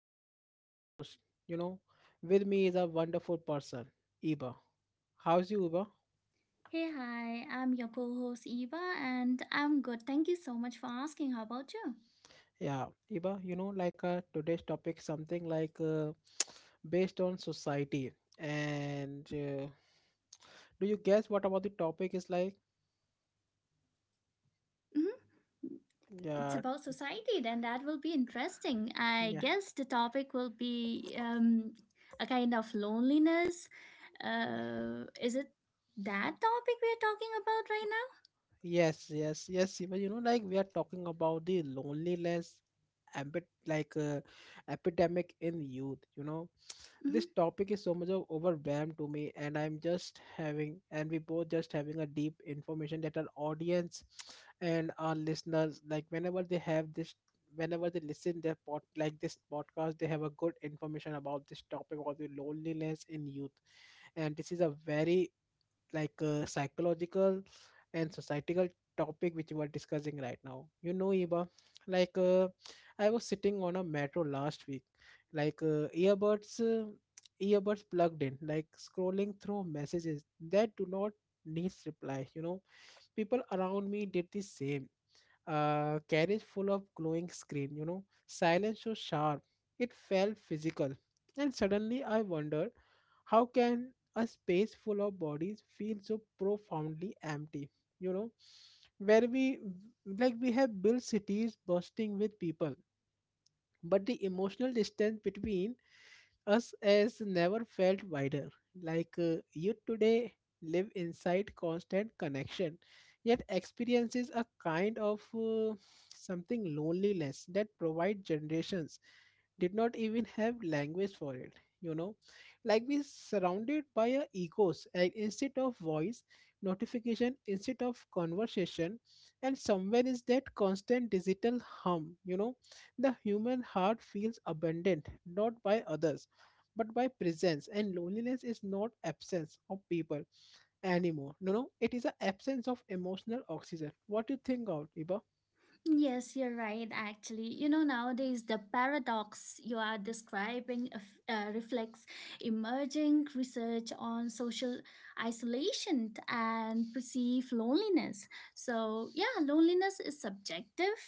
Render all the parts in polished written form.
I am your host. You know, with me is a wonderful person, Iba. How's you, Iba? Hey, hi, I'm your co host Eva, and I'm good. Thank you so much for asking. How about you? Yeah, Iba, like today's topic, something like based on society. And do you guess what about the topic is like? Hmm. It's Yeah, about society, then that will be interesting. I yeah. guess the topic will be a kind of loneliness. Is it that topic we are talking about right now? Yes, yes, yes, Iba. Like we are talking about the loneliness, ambit like epidemic in youth. You know, Mhm. this topic is so much of overwhelmed to me, and I'm just having and we both just having a deep information that our audience and our listeners, like, whenever they have this whenever they listen their pod like this podcast, they have a good information about this topic, about the loneliness in youth. And this is a very, like a psychological and societal topic which we are discussing right now. You know, Eva, like I was sitting on a metro last week, like earbuds plugged in, like scrolling through messages that do not needs reply. You know, people around me did the same, carriage full of glowing screen, you know, silence so sharp. It felt physical. And suddenly I wondered, how can a space full of bodies feel so profoundly empty, you know, where we have built cities bursting with people, but the emotional distance between us as never felt wider. Like you today live inside constant connection, yet experiences a kind of something loneliness that provide generations did not even have language for it. you know like we surrounded by a egos and instead of voice, notification instead of conversation. And somewhere is that constant digital hum, the human heart feels abandoned, not by others but by presence. And loneliness is not absence of people anymore. No, no, it is an absence of emotional oxygen. What do you think of it? Yes, you're right, actually. You know, nowadays the paradox you are describing reflects emerging research on social isolation and perceived loneliness. So, yeah, loneliness is subjective.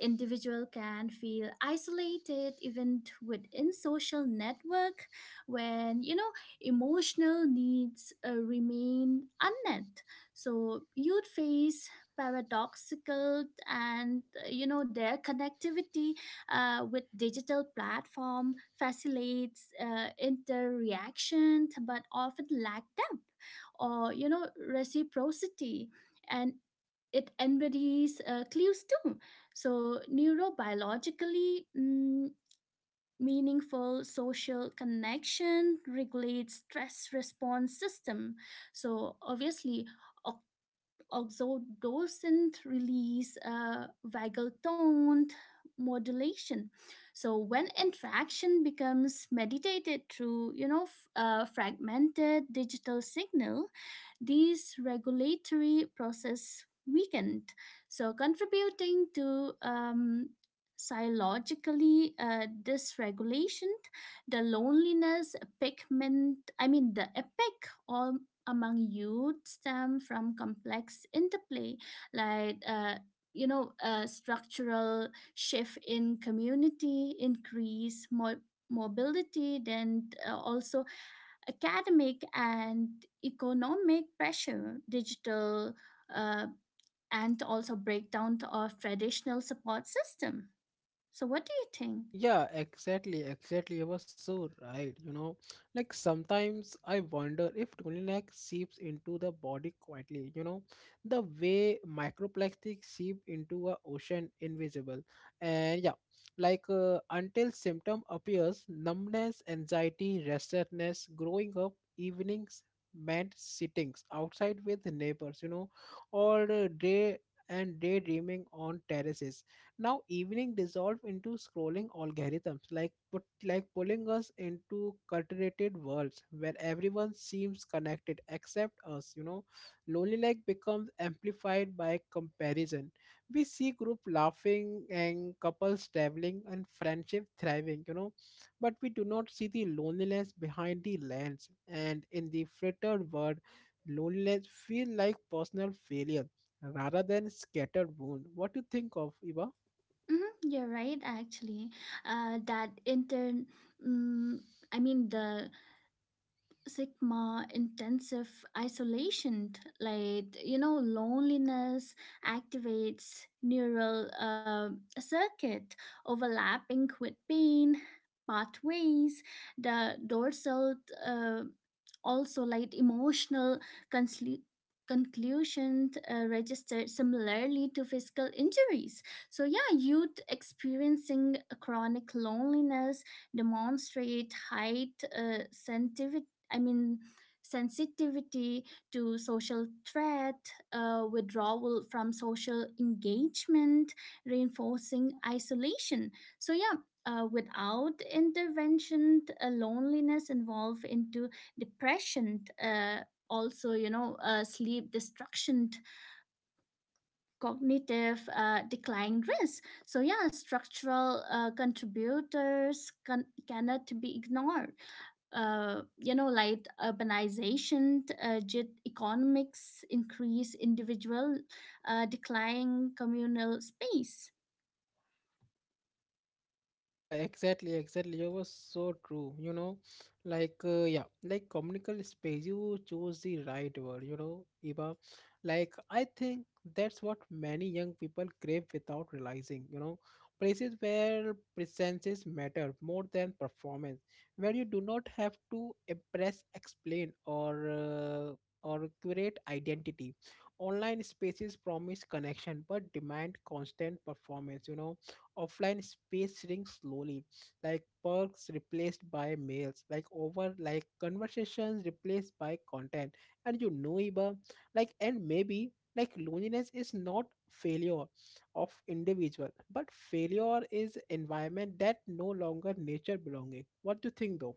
Individual can feel isolated even within social network when, you know, emotional needs remain unmet. So, you'd face paradoxical and you know their connectivity with digital platform facilitates interaction but often lack depth or you know reciprocity, and it embodies clues too. So neurobiologically, meaningful social connection regulates stress response system. So obviously, also, doesn't release a vagal tone modulation. So when interaction becomes mediated through, you know, fragmented digital signal, these regulatory process weakened, so contributing to psychologically dysregulation, the loneliness, epicment, I mean the epic or among youth stem from complex interplay, like uh, you know, structural shift in community, increase mobility, then also academic and economic pressure, digital, uh, and also breakdown of traditional support system. So, what do you think? Yeah, exactly, exactly. You were so right. Like sometimes I wonder if Tunilac seeps into the body quietly. The way microplastic seep into a ocean invisible. And yeah, like until symptom appears, numbness, anxiety, restlessness, growing up, evenings meant sittings outside with neighbors. Or day and daydreaming on terraces. Now evening dissolved into scrolling algorithms, like pulling us into cultivated worlds where everyone seems connected except us. Lonely like becomes amplified by comparison. We see group laughing and couples traveling and friendship thriving, but we do not see the loneliness behind the lens. And in the frittered world, loneliness feel like personal failure rather than scattered wound. What do you think of, Eva? Hmm, you're right, actually. That inter, mm I mean the sigma intensive isolation, like you know loneliness activates neural circuit overlapping with pain pathways, the dorsal, uh, also like emotional consli- conclusion registered similarly to physical injuries. So yeah, youth experiencing chronic loneliness demonstrate I mean, sensitivity to social threat, withdrawal from social engagement, reinforcing isolation. So, yeah. Without intervention, loneliness evolve into depression. Also, you know, sleep destruction, cognitive decline risk. So yeah, structural contributors cannot be ignored. You know, like urbanization, gig economics, increase individual declining communal space. Yeah, exactly, exactly. You were so true. Like yeah, like communal space. You chose the right word. You know, Eva. Like I think that's what many young people crave without realizing. Places where presences matter more than performance, where you do not have to impress, explain, or or create identity. Online spaces promise connection but demand constant performance. You know, offline space shrinking slowly, like perks replaced by mails, like over like conversations replaced by content. And you know, Iba, like and maybe like loneliness is not failure of individual, but failure is environment that no longer nature belonging. What do you think though?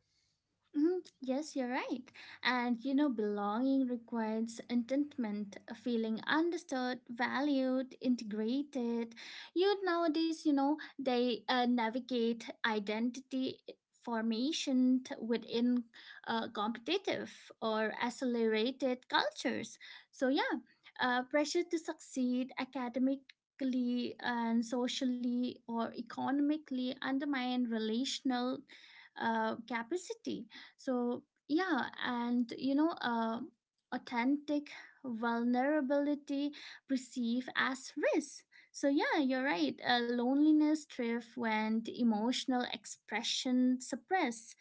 Mhm. Yes, you're right. And you know, belonging requires contentment, a feeling understood, valued, integrated. You nowadays, you know, they navigate identity formation within competitive or accelerated cultures. So, yeah, pressure to succeed academically and socially or economically undermine relational capacity. So, yeah, and you know, authentic vulnerability perceived as risk. So, yeah, you're right. Loneliness thrives when the emotional expression suppress.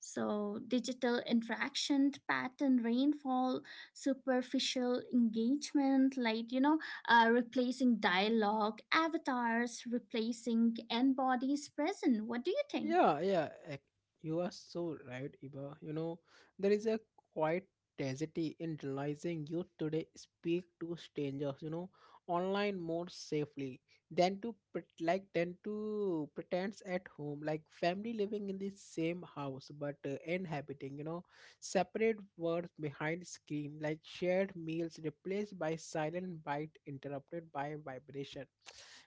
So, digital interaction pattern rainfall, superficial engagement, like, you know, replacing dialogue, avatars, replacing embodies present. What do you think? Yeah, yeah, you are so right, Iba. You know, there is a quiet tragedy in realizing you today speak to strangers, you know, online more safely than to pretense at home, like family living in the same house but inhabiting, you know, separate words behind screen, like shared meals replaced by silent bite interrupted by vibration.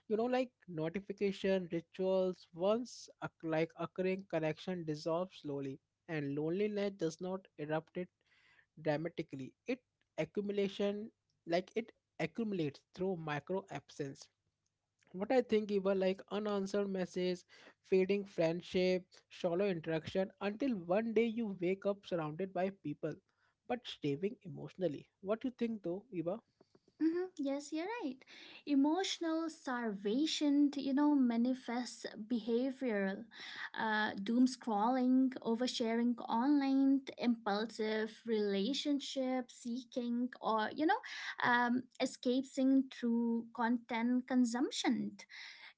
You know, like, notification rituals once occurring, connection dissolves slowly, and loneliness does not erupt it dramatically. It accumulation, like it accumulates through micro absence. What I think, even like unanswered message, fading friendship, shallow interaction, until one day you wake up surrounded by people but starving emotionally. What you think though, Eva? Mhm. Yes, you're right. Emotional starvation, you know, manifests behavioral, doom scrolling, oversharing online, impulsive relationship seeking, or you know, escaping through content consumption.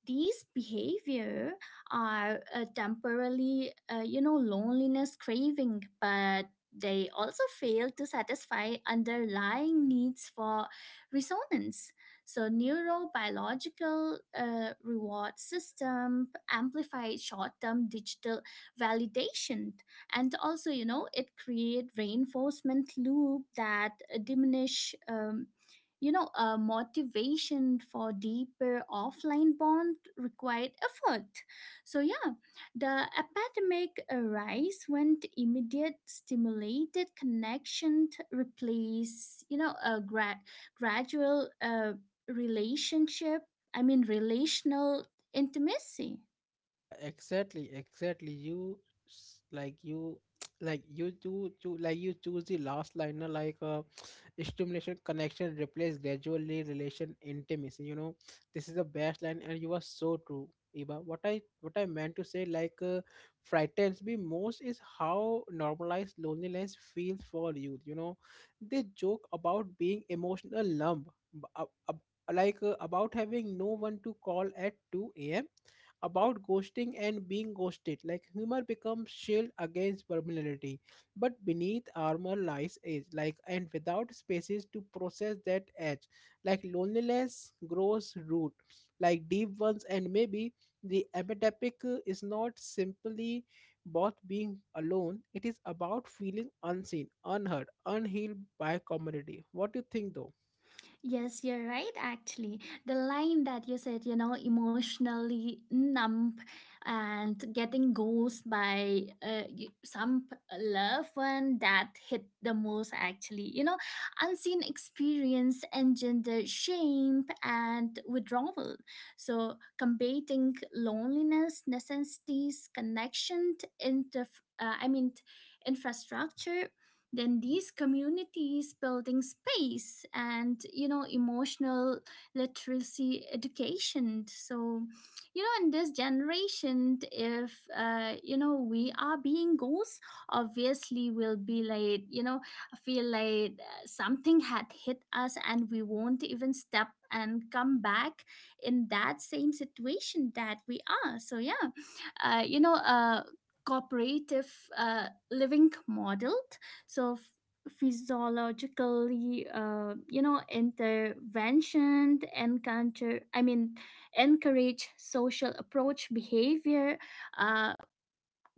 These behavior are temporarily, you know, loneliness craving, but they also fail to satisfy underlying needs for resonance. So neurobiological reward system amplifies short-term digital validation, and also you know it create reinforcement loop that diminish you know motivation for deeper offline bond required effort. So yeah, the epidemic arise when the immediate stimulated connection replace, you know, a gradual relationship I mean relational intimacy. Yeah, exactly, exactly. You like you like you choose the last liner like stimulation connection replace gradually relation intimacy. You know, this is the best line, and you are so true, Eva. What I meant to say, like, frightens me most is how normalized loneliness feels for youth. You know, they joke about being emotional lump, about having no one to call at 2 a.m., about ghosting and being ghosted. Like humor becomes shield against vulnerability, but beneath armor lies age. Like and without spaces to process that edge, like loneliness grows root, like deep ones. And maybe the epidemic is not simply both being alone. It is about feeling unseen, unheard, unhealed by community. What do you think, though? Yes, you're right, actually. The line that you said, you know, emotionally numb and getting ghost by some loved one, that hit the most, actually. You know, unseen experience engender shame and withdrawal. So, combating loneliness necessitates connection, to infrastructure, then these communities building space, and you know emotional literacy education. So you know in this generation if you know we are being ghosts, obviously we'll be like you know feel like something had hit us and we won't even step and come back in that same situation that we are. So yeah, you know cooperative living model. So physiologically you know intervention to encounter I mean encourage social approach behavior, uh,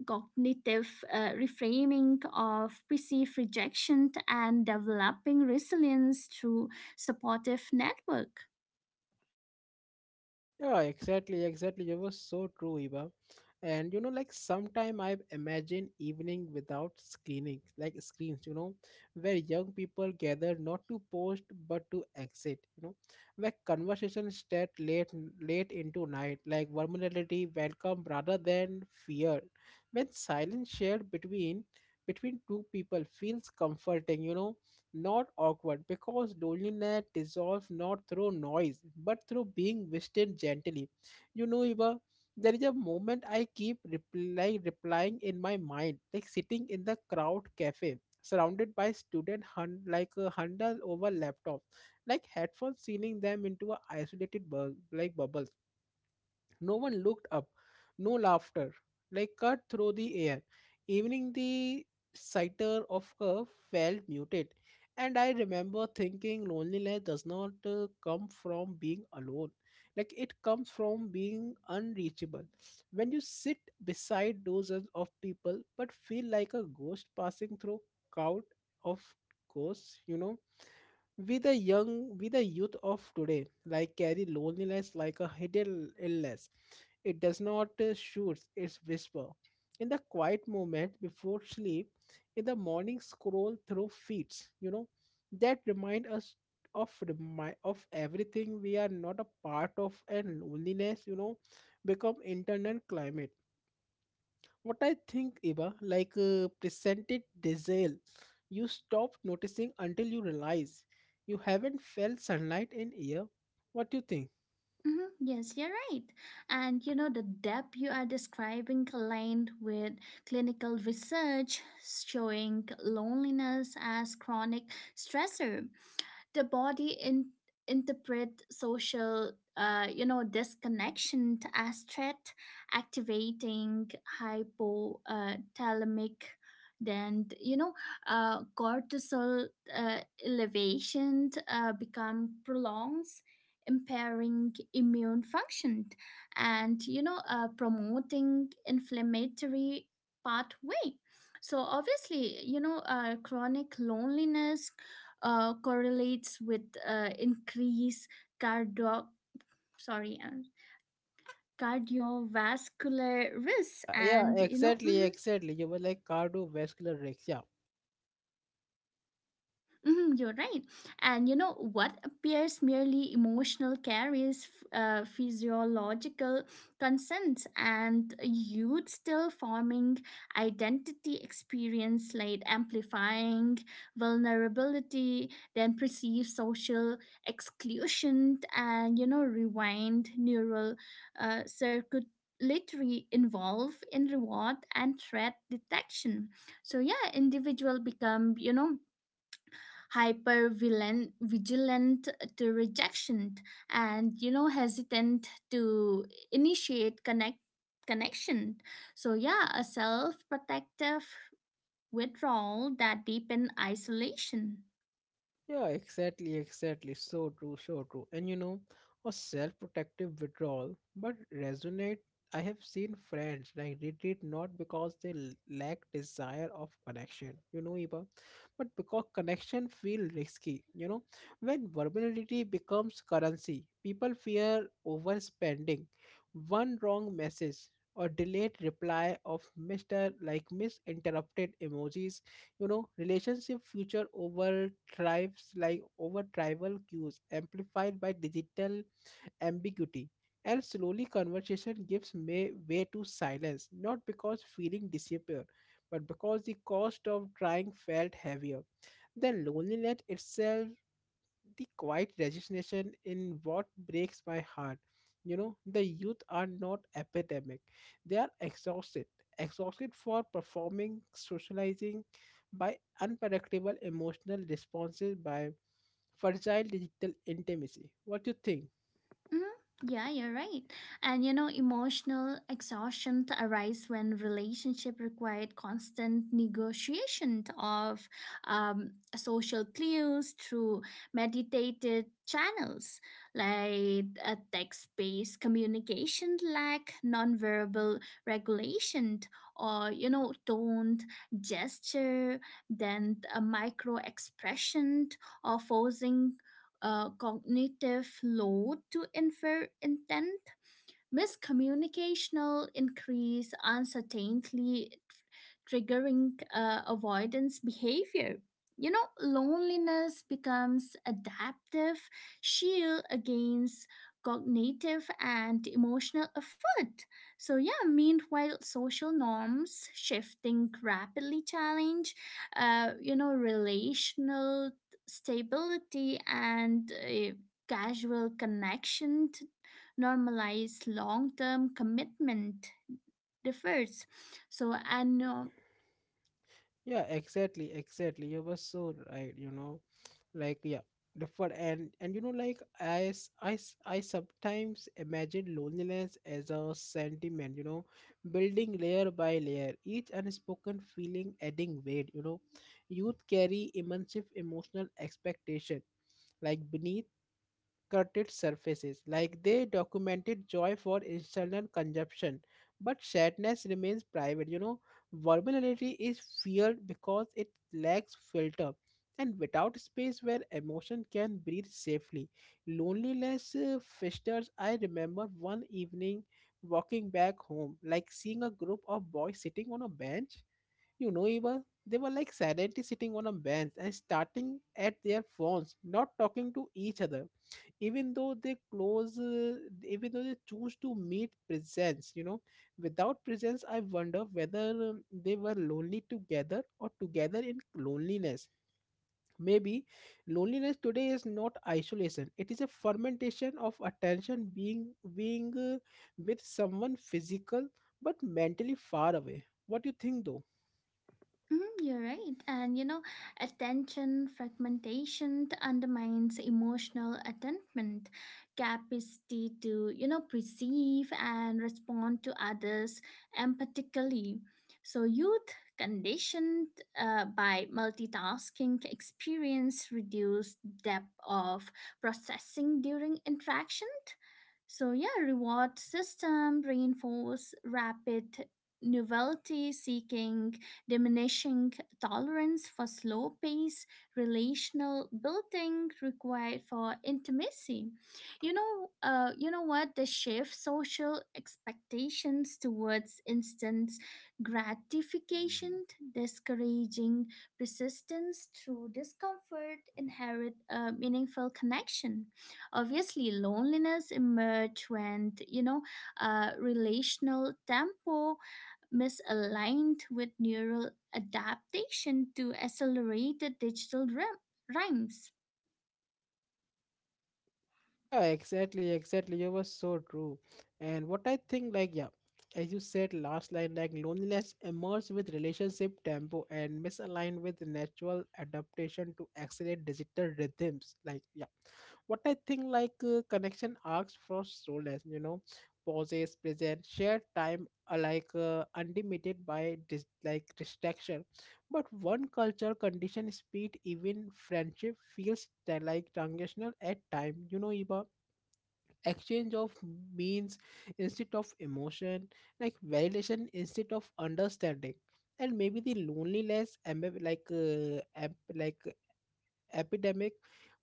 cognitive reframing of perceived rejection, and developing resilience through supportive network. Yeah, exactly, exactly. You were so true, Eva. And you know, like sometime I've imagined evening without like screens, you know, where young people gather not to post but to exit. You know, where conversations start late into night, like vulnerability welcome rather than fear. When silence shared between two people feels comforting, you know, not awkward because loneliness dissolves not through noise but through being whispered gently. You know, Eva, there is a moment I keep replying in my mind, like sitting in the crowd cafe, surrounded by student hun- like a hundred over laptops, like headphones sealing them into a isolated bubble. No one looked up, no laughter, like cut through the air. Evening, the sighter of her felt muted. And I remember thinking loneliness does not come from being alone, like it comes from being unreachable. When you sit beside dozens of people but feel like a ghost passing through crowd of ghosts, you know, we the young, we the youth of today, like, carry loneliness like a hidden illness. It does not shoot, it's whisper. In the quiet moment before sleep, in the morning scroll through feeds, you know, that remind us of everything we are not a part of. And loneliness, you know, become internal climate. What I think, Iba, like presented diesel, you stop noticing until you realize you haven't felt sunlight in air. What do you think? Mhm. Yes, you're right. And you know, the depth you are describing aligned with clinical research showing loneliness as chronic stressor. The body interpret social you know disconnection as threat, activating hypothalamic, then you know cortisol uh, elevation become prolongs, impairing immune function, and you know promoting inflammatory pathway. So obviously you know chronic loneliness correlates with increased cardio sorry uh, cardiovascular risks, Yeah, yeah, and you know exactly, mhm. exactly. You were like cardiovascular risk. Yeah. Mhm. You're right. And you know what appears merely emotional carries physiological consents, and youth still forming identity experience like amplifying vulnerability, then perceived social exclusion, and you know rewind neural circuit literally involve in reward and threat detection. So yeah individual become you know hyper vigilant to rejection, and you know hesitant to initiate connection. So yeah, a self protective withdrawal that deepen isolation. Yeah, exactly, exactly. So true, so true. And you know, a self-protective withdrawal, but resonate. I have seen friends like retreat not because they lack desire of connection, you know, Eva, but because connection feel risky. You know, when vulnerability becomes currency, people fear overspending. One wrong message or delayed reply of Mister, like misinterpreted emojis, you know, relationship future over tribes like over tribal cues amplified by digital ambiguity. And slowly conversation gives way to silence, not because feeling disappear, but because the cost of trying felt heavier then loneliness itself. The quiet resignation in what breaks my heart. You know, the youth are not epidemic. They are exhausted. Exhausted for performing, socializing by unpredictable emotional responses, by fragile digital intimacy. What do you think? Mhm. Yeah, you're right. And you know, emotional exhaustion arises when relationship required constant negotiation of social clues through meditated channels. Like a text-based communication lack nonverbal regulation, or you know tone, gesture, then a micro expression, or forcing cognitive load to infer intent. Miscommunicational increase uncertainty, triggering avoidance behavior. You know, loneliness becomes adaptive shield against cognitive and emotional effort. So yeah, meanwhile, social norms shifting rapidly challenge, you know, relational stability, and casual connection normalize long-term commitment differs. So and Yeah, exactly, exactly. You were so right, you know. Like yeah, different and you know, like I sometimes imagine loneliness as a sentiment, you know, building layer by layer, each unspoken feeling adding weight. You know, youth carry immense emotional expectation, like beneath Cutted surfaces, like they documented joy for external consumption, but sadness remains private. You know, vulnerability is feared because it lacks filter. And without space where emotion can breathe safely, loneliness festers. I remember one evening walking back home, like seeing a group of boys sitting on a bench. You know, Eva, they were like silently sitting on a bench and starting at their phones, not talking to each other, even though they close uh, even though they choose to meet presence, you know, without presence. I wonder whether they were lonely together or together in loneliness. Maybe loneliness today is not isolation. It is a fermentation of attention, being with someone physical but mentally far away. What do you think though? Hmm, you're right. And you know, attention fragmentation undermines emotional attentment, capacity to, you know, perceive and respond to others empathically. So, youth conditioned by multitasking experience reduced depth of processing during interaction. So, yeah, reward system reinforce rapid novelty seeking, diminishing tolerance for slow pace, relational building required for intimacy. You know what? The shift social expectations towards instant gratification, discouraging persistence through discomfort, inherit a meaningful connection. Obviously, loneliness emerged when you know relational tempo misaligned with neural adaptation to accelerated digital rhymes. Yeah, exactly, exactly. You were so true. And what I think, like, yeah, as you said last line, like loneliness emerges with relationship tempo and misaligned with natural adaptation to accelerate digital rhythms. Like, yeah, what I think, like, connection asks for solace, you know, pauses, present, shared time, like, unlimited by distraction. But one culture condition speed, even friendship feels like transitional at time, you know, Eva, exchange of means instead of emotion, like validation instead of understanding. And maybe the loneliness epidemic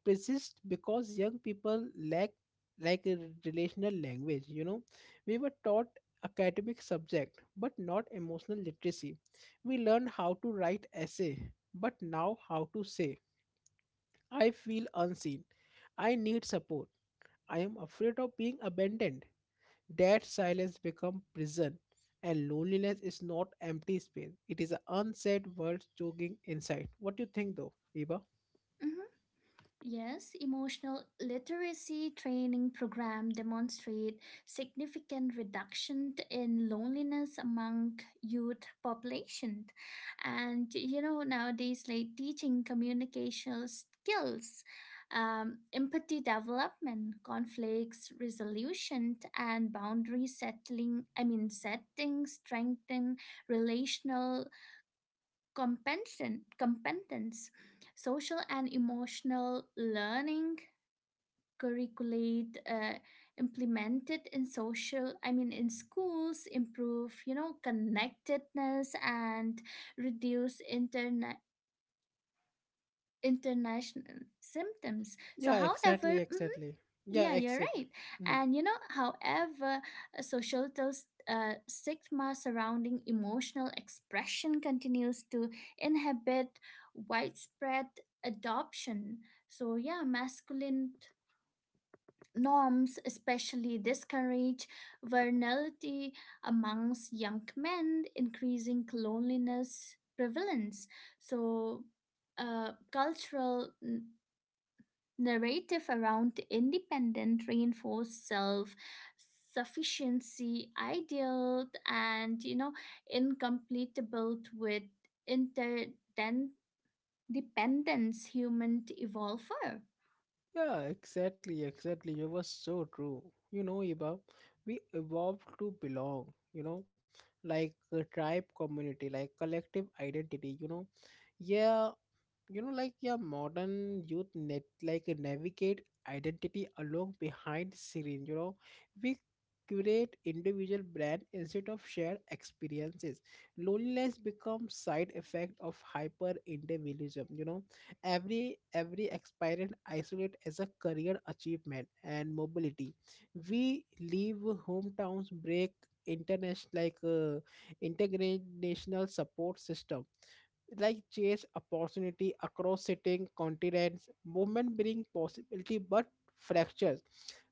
persists because young people lack a relational language, you know. We were taught academic subject but not emotional literacy. We learned how to write essay, but now how to say I feel unseen, I need support, I am afraid of being abandoned. That silence becomes prison, and loneliness is not empty space. It is an unsaid word jogging inside. What do you think, though, Eva? Mhm. Yes, emotional literacy training program demonstrate significant reduction in loneliness among youth population. And you know, nowadays like teaching communication skills, empathy development, conflicts resolution, and boundary settling, I mean setting strengthen relational competence. Social and emotional learning curriculate implemented in social I mean in schools improve you know connectedness and reduce international symptoms. So Yeah, however, exactly, exactly. Yeah, yeah, you're exactly. right. Mhm. And you know, however, a societal stigma surrounding emotional expression continues to inhibit widespread adoption. So, yeah, masculine norms especially discourage vulnerability amongst young men, increasing loneliness prevalence. So, cultural narrative around independent reinforced self sufficiency ideal, and you know incompletable with interdependence human evolve for. Yeah, exactly, exactly. You were so true. You know, Eva, we evolved to belong. You know, like a tribe community, like collective identity. You know, yeah, you know, like, yeah, modern youth net like navigate identity along behind screen, you know. We curate individual brand instead of shared experiences. Loneliness becomes side effect of hyper individualism, you know. Every experience isolate as a career achievement and mobility. We leave hometowns, break international international support system, like chase opportunity across sitting continents. Movement bring possibility but fractures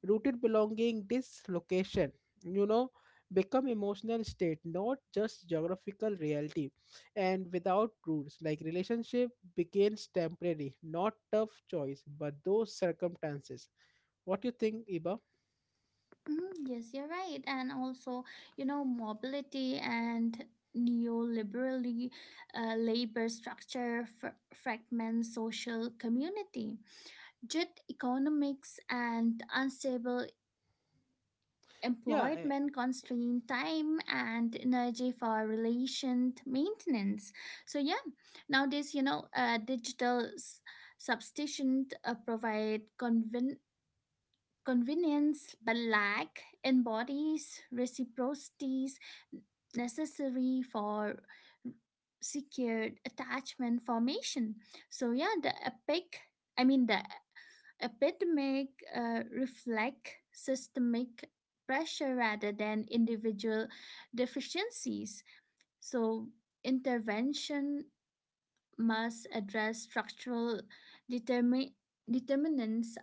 rooted belonging. Dislocation, you know, become emotional state, not just geographical reality. And without roots, like relationship begins temporary, not tough choice but those circumstances. What do you think, Iba? Mm, yes you're right. And also you know mobility and neoliberally labor structure fragment social community, jet economics, and unstable Yeah. employment constraint time and energy for relation maintenance. So yeah nowadays you know digital substitution provide convenience but lack embodies reciprocities necessary for secured attachment formation. So yeah the epic I mean the epidemic reflect systemic pressure rather than individual deficiencies. So, intervention must address structural determi- determinants,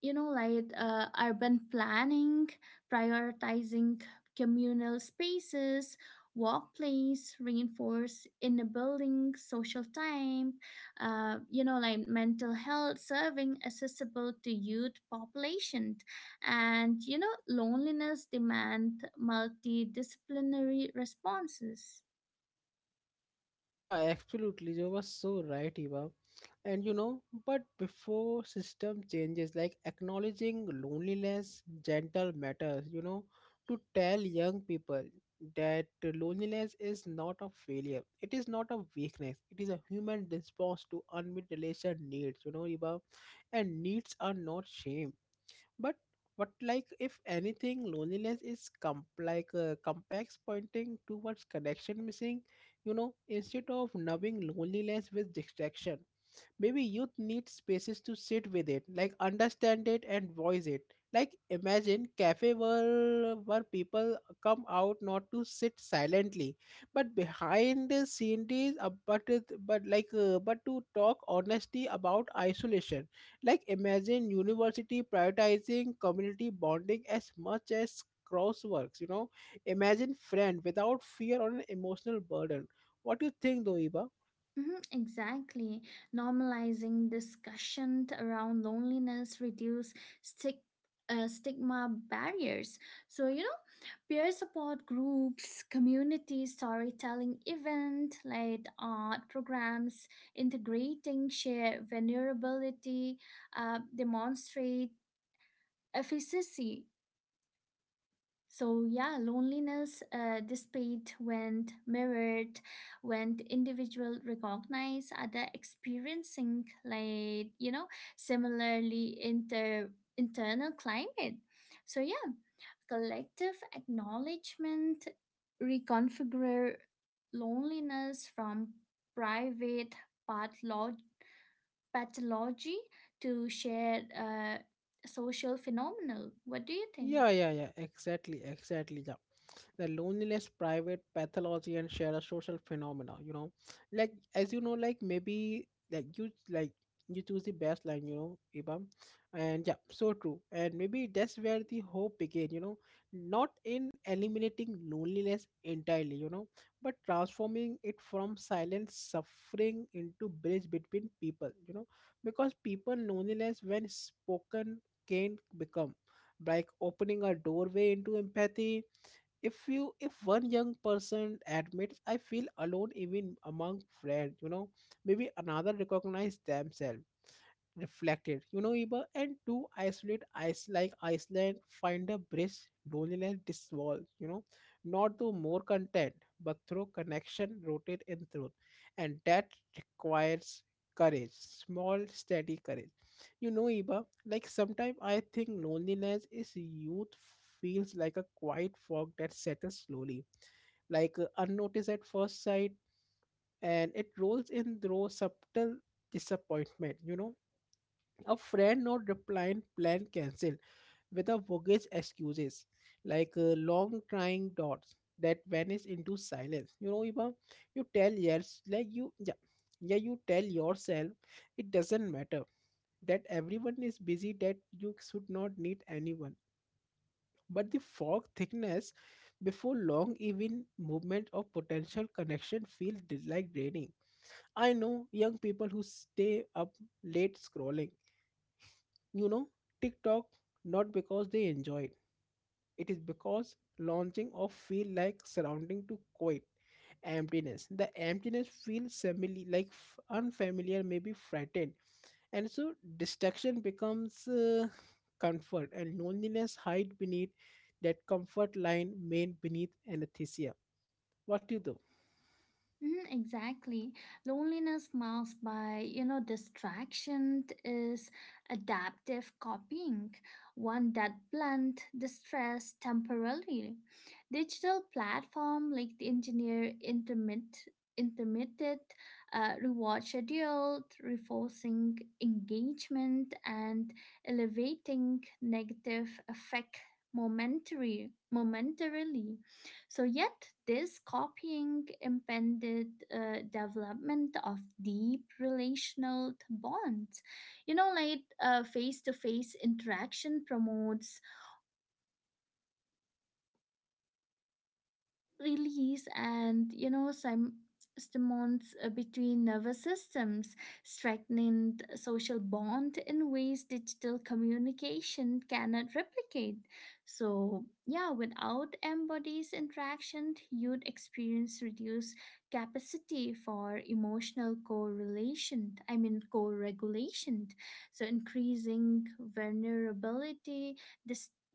you know like urban planning prioritizing communal spaces, workplace reinforce inner building social time, you know like mental health serving accessible to youth population, and you know loneliness demand multidisciplinary responses. Yeah, absolutely. You were so right, Eva. And you know, but before system changes, like acknowledging loneliness, gentle matters, you know, to tell young people that loneliness is not a failure, it is not a weakness, it is a human response to unmet relation needs, you know, Eva. And needs are not shame but what, like if anything, loneliness is complex pointing towards connection missing, you know, instead of numbing loneliness with distraction. Maybe youth need spaces to sit with it, like understand it and voice it. Like imagine cafe where people come out not to sit silently, but behind the scenes, but it, but to talk honestly about isolation. Like imagine university prioritizing community bonding as much as crossworks. You know, imagine friend without fear or an emotional burden. What do you think, though, Eva? Mhm, exactly. Normalizing discussion around loneliness reduce stig- stigma barriers. So, you know, peer support groups, community storytelling event, like art programs, integrating shared vulnerability, demonstrate efficacy. So yeah, loneliness despite when mirrored, when individual recognize other experiencing like you know similarly internal climate. So yeah, collective acknowledgement reconfigure loneliness from private patholo- pathology to shared social phenomenal. What do you Yeah, think? yeah, yeah, exactly, exactly. Yeah, the loneliness, private pathology, and shared social phenomena. You know, like as you know, like maybe like you, like you choose the best line. You know, Ibam, and yeah, so true. And maybe that's where the hope began. You know, not in eliminating loneliness entirely. You know, but transforming it from silent suffering into bridge between people. You know, because people loneliness when spoken can become like opening a doorway into empathy. If you, if one young person admits I feel alone even among friends, you know, maybe another recognize themselves reflected, you know, Eva. And to isolate ice, like Iceland, find a bridge, loneliness dissolves, you know, not through more content, but through connection rooted in truth. And that requires courage, small, steady courage. You know, Eva, like sometimes I think loneliness is youth feels like a quiet fog that settles slowly, unnoticed at first sight, and it rolls in through subtle disappointment, you know, a friend not replying, plan cancelled with a bogus excuses, long trying dots that vanish into silence. You know, Iba, you tell yes, like you, yeah, yeah, you tell yourself it doesn't matter, that everyone is busy, that you should not need anyone. But the fog thickness before long, even movement of potential connection feels like draining. I know young people who stay up late scrolling, you know, TikTok, not because they enjoy it. It is because launching of feel like surrounding to quiet emptiness. The emptiness feels family like unfamiliar, maybe frightened, and so distraction becomes comfort, and loneliness hide beneath that comfort line, main beneath anesthesia. What do you do? Mhm, exactly. Loneliness masked by, you know, distraction is adaptive copying, one that blunt distress temporarily. Digital platform like the engineer intermittent reward schedule, reinforcing engagement and elevating negative effect momentary momentarily. So, yet, this copying impeded development of deep relational bonds. You know, like face to face interaction promotes release, and you know some stimulants between nervous systems strengthened social bond in ways digital communication cannot replicate. So yeah without embodies interaction you'd experience reduced capacity for emotional correlation I mean co-regulation, so increasing vulnerability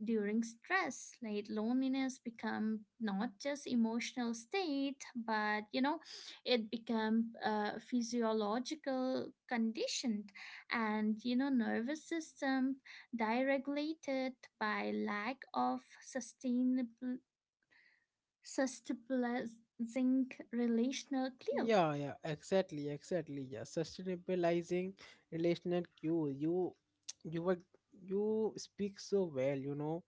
during stress. Like loneliness become not just emotional state, but you know it become a physiological condition, and you know nervous system deregulated by lack of sustainable sustabilizing relational clue. Yeah, yeah, exactly, exactly. Yeah, sustainabilizing relational cues. You were, you speak so well. You know,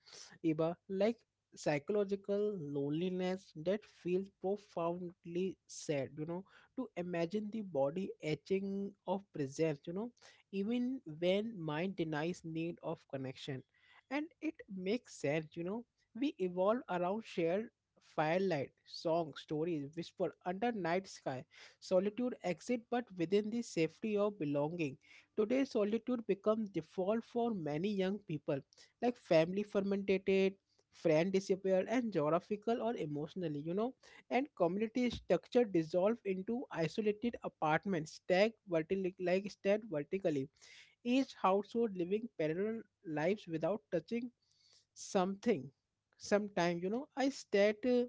Iba, like psychological loneliness that feels profoundly sad. You know, to imagine the body etching of presence. You know, even when mind denies need of connection, and it makes sense. You know, we evolve around shared Firelight, song, stories whisper under night sky. Solitude exit but within the safety of belonging. Today solitude becomes default for many young people. Like family fermented, friend disappeared and geographical or emotionally, you know, and community structure dissolve into isolated apartments stacked vertically like stacked vertically. Each household living parallel lives without touching something sometime. You know,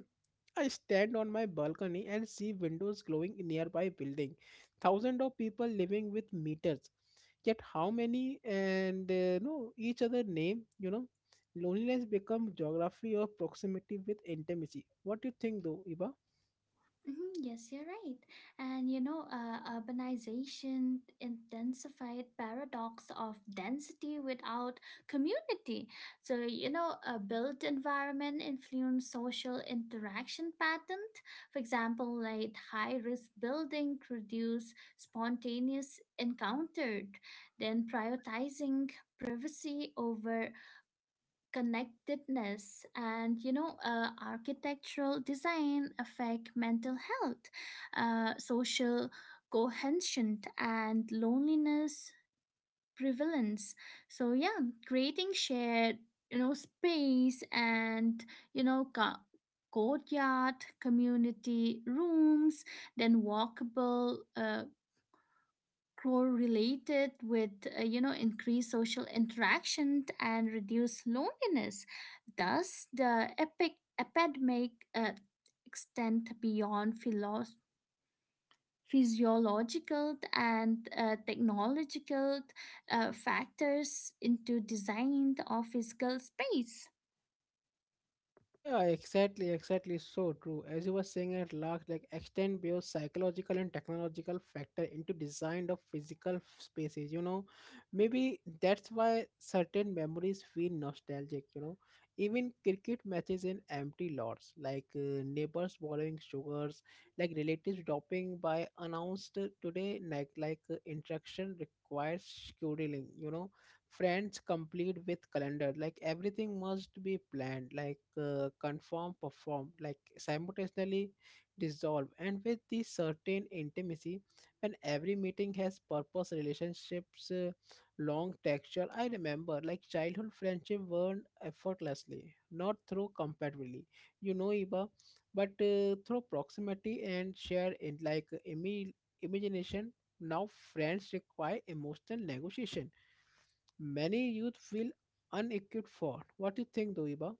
I stand on my balcony and see windows glowing in nearby building. Thousands of people living with meters. Yet how many and no each other name, you know? Loneliness become geography of proximity with intimacy. What do you think, though, Iba? Mhm. Yes, you're right. And you know, urbanization intensified paradox of density without community. So you know, a built environment influence social interaction pattern. For example, like high risk building produce spontaneous encountered, then prioritizing privacy over connectedness, and you know architectural design affect mental health, social cohesion, and loneliness prevalence. So yeah creating shared you know space, and you know courtyard, community rooms, then walkable correlated with you know increased social interaction and reduced loneliness. Thus the epic epidemic extend beyond physiological and technological factors into design of physical space. Yeah, exactly, exactly. So true. As you were saying at last, like extend both psychological and technological factor into design of physical spaces. You know, maybe that's why certain memories feel nostalgic. You know, even cricket matches in empty lots, like neighbors borrowing sugars, like relatives dropping by announced today, like interaction requires scheduling. You know, friends complete with calendar, like everything must be planned, like confirm perform like simultaneously dissolve and with the certain intimacy. When every meeting has purpose, relationships long texture. I remember like childhood friendship burned effortlessly, not through compatibility, you know, Iba, but through proximity and share in like imagination. Now friends require emotional negotiation many youth feel unequipped for. What do you think, Doiba?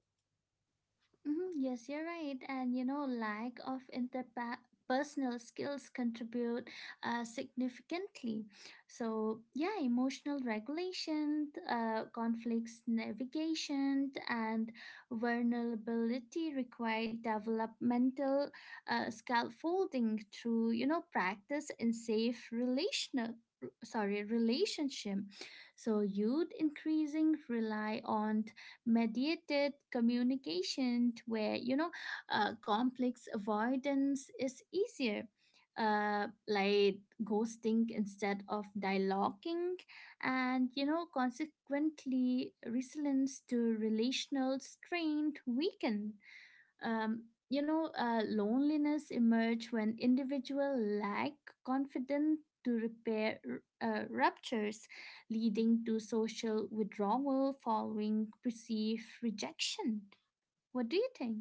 Mhm. Yes, you're right. And you know, lack of interpersonal skills contribute significantly. So, yeah, emotional regulation, conflicts navigation, and vulnerability require developmental scaffolding through, you know, practice in safe relational sorry relationship. So youth increasing rely on mediated communication where you know complex avoidance is easier, like ghosting instead of dialoguing. And you know consequently resilience to relational strain weaken. um, you know, loneliness emerge when individual lack confidence to repair ruptures, leading to social withdrawal following perceived rejection. What do you think?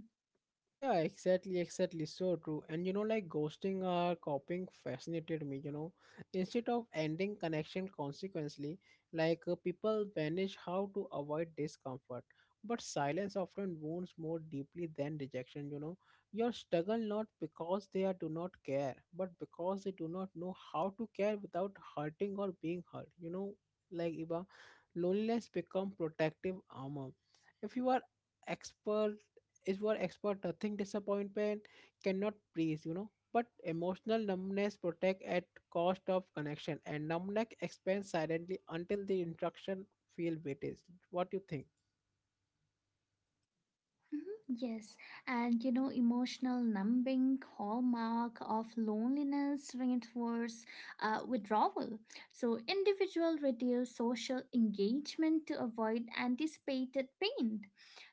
Yeah, exactly, exactly. So true. And you know, like ghosting or copying fascinated me, you know. Instead of ending connection consequently, people vanish how to avoid discomfort. But silence often wounds more deeply than rejection, you know. You struggle not because they are do not care, but because they do not know how to care without hurting or being hurt. You know, like Iba, loneliness become protective armor. If you are expert is what expert, nothing disappointment cannot please, you know. But emotional numbness protect at cost of connection, and numbness expands silently until the interaction feel weighted. What do you think? Mhm. Yes, and you know, emotional numbing hallmark of loneliness reinforce withdrawal. So, individual reduce social engagement to avoid anticipated pain.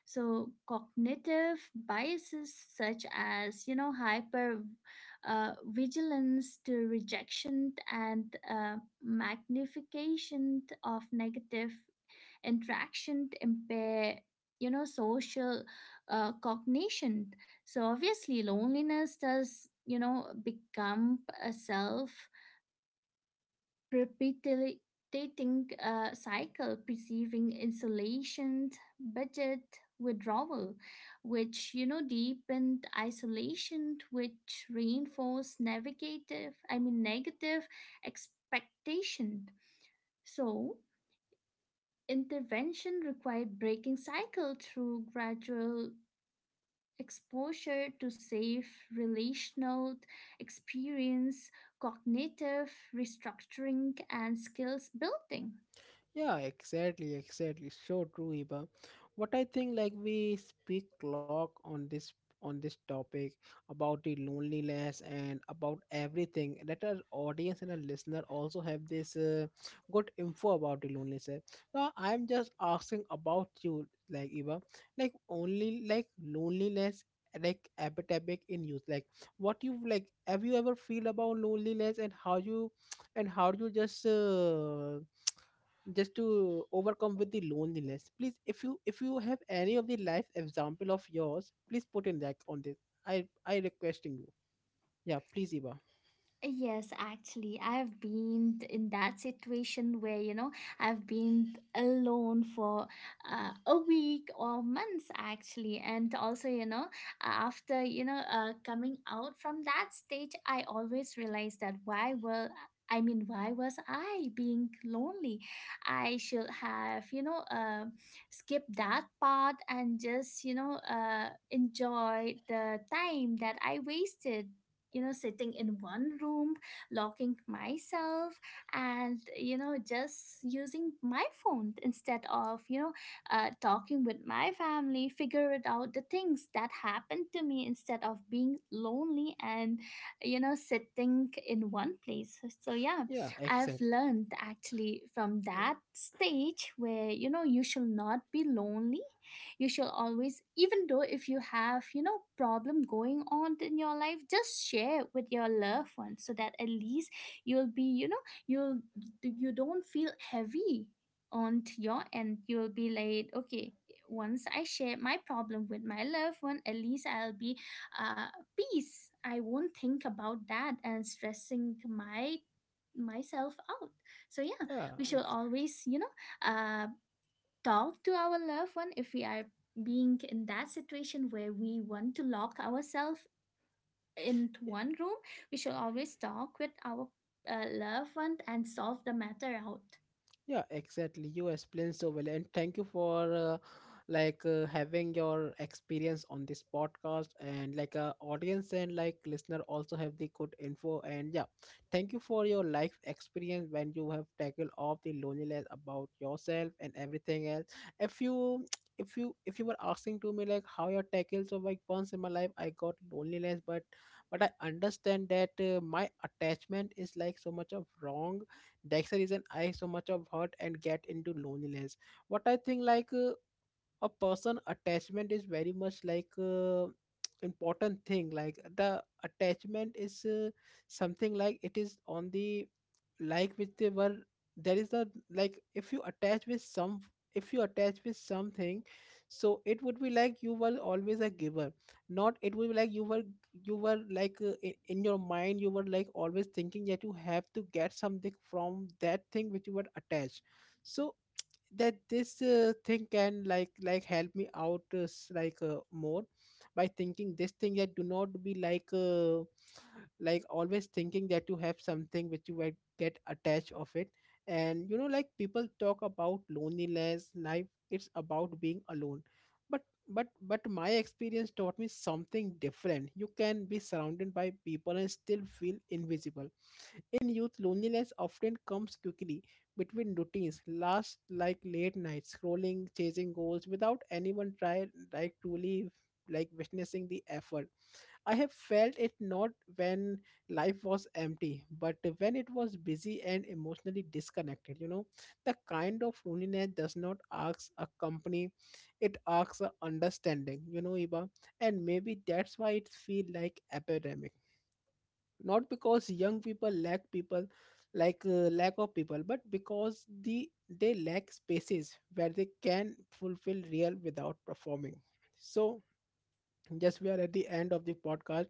So, cognitive biases such as you know hyper vigilance to rejection, and magnification of negative interaction impair you know social cognition. So obviously, loneliness does you know become a self perpetuating cycle, perceiving insulation, budget withdrawal, which you know deepened isolation, which reinforced negative. I mean negative expectation. So intervention required breaking cycle through gradual exposure to safe relational experience, cognitive restructuring, and skills building. Yeah, exactly, exactly. So true, Iba. What I think, like we speak clock on this, on this topic about the loneliness and about everything. Let our audience and our listener also have this good info about the loneliness. Eh. Now, I'm just asking about you, like Iba, like only like loneliness like epidemic in youth, like what you like have you ever feel about loneliness and how you, and how you just to overcome with the loneliness? Please, if you, if you have any of the life example of yours, please put in like on this. I requesting you. Yeah, please, Eva. Yes, actually, I've been in that situation where, you know, I've been alone for a week or months, actually. And also, you know, after, you know, coming out from that stage, I always realized that why was I being lonely? I should have, you know, skipped that part and just, you know, enjoy the time that I wasted, you know, sitting in one room, locking myself, and you know just using my phone instead of you know talking with my family, figure it out the things that happened to me instead of being lonely and you know sitting in one place. So yeah, Yeah, I've exactly. learned actually from Yeah, that stage where you know you should not be lonely. You should always, even though if you have you know problem going on in your life, just share with your loved ones, so that at least you'll be you know you don't feel heavy on to your end. You'll be like, okay, once I share my problem with my loved one, at least I'll be uh peace. I won't think about that and stressing my myself out. So yeah, yeah. we should always, you know, uh talk to our loved one. If we are being in that situation where we want to lock ourselves into one room, we should always talk with our loved one and solve the matter out. Yeah, exactly. You explained so well, and thank you for having your experience on this podcast, and like audience and like listener also have the good info. And yeah, thank you for your life experience when you have tackled off the loneliness about yourself and everything else. If you if you, if you were asking to me like how you tackled, so like once in my life I got loneliness, but I understand that my attachment is like so much of wrong Dexter is an I so much of hurt and get into loneliness. What I think, like a person attachment is very much like important thing, like the attachment is something like it is on the like which they were, there is a, like if you attach with some, if you attach with something, so it would be like you were always a giver, not it would be like you were, you were like in your mind you were like always thinking that you have to get something from that thing which you were attached. So that this thing can like help me out more. By thinking this thing, that do not be like always thinking that you have something which you will get attached of it. And you know, like people talk about loneliness life it's about being alone, but but my experience taught me something different. You can be surrounded by people and still feel invisible. In youth, loneliness often comes quickly between routines last, like late nights scrolling, chasing goals without anyone try, like truly like witnessing the effort. I have felt it not when life was empty but when it was busy and emotionally disconnected, you know. The kind of loneliness does not ask a company, it asks a understanding, you know, Eva. And maybe that's why it feel like epidemic, not because young people lack people, lack of people, but because the they lack spaces where they can fulfill real without performing. So yes, we are at the end of the podcast.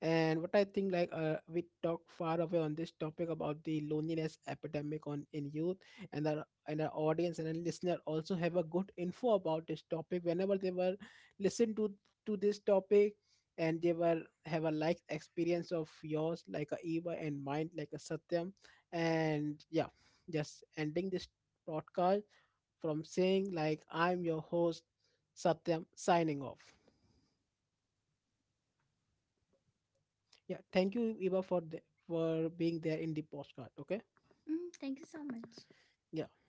And what I think, like we talked far away on this topic about the loneliness epidemic on in youth. And our, and our audience and our listener also have a good info about this topic whenever they were listen to this topic. And they were have a like experience of yours, like a Eva, and mine like a Satyam. And yeah, just ending this podcast from saying like I'm your host, Satyam, signing off. Yeah, thank you, Eva, for the, for being there in the postcard. Okay. Mm, thank you so much. Yeah.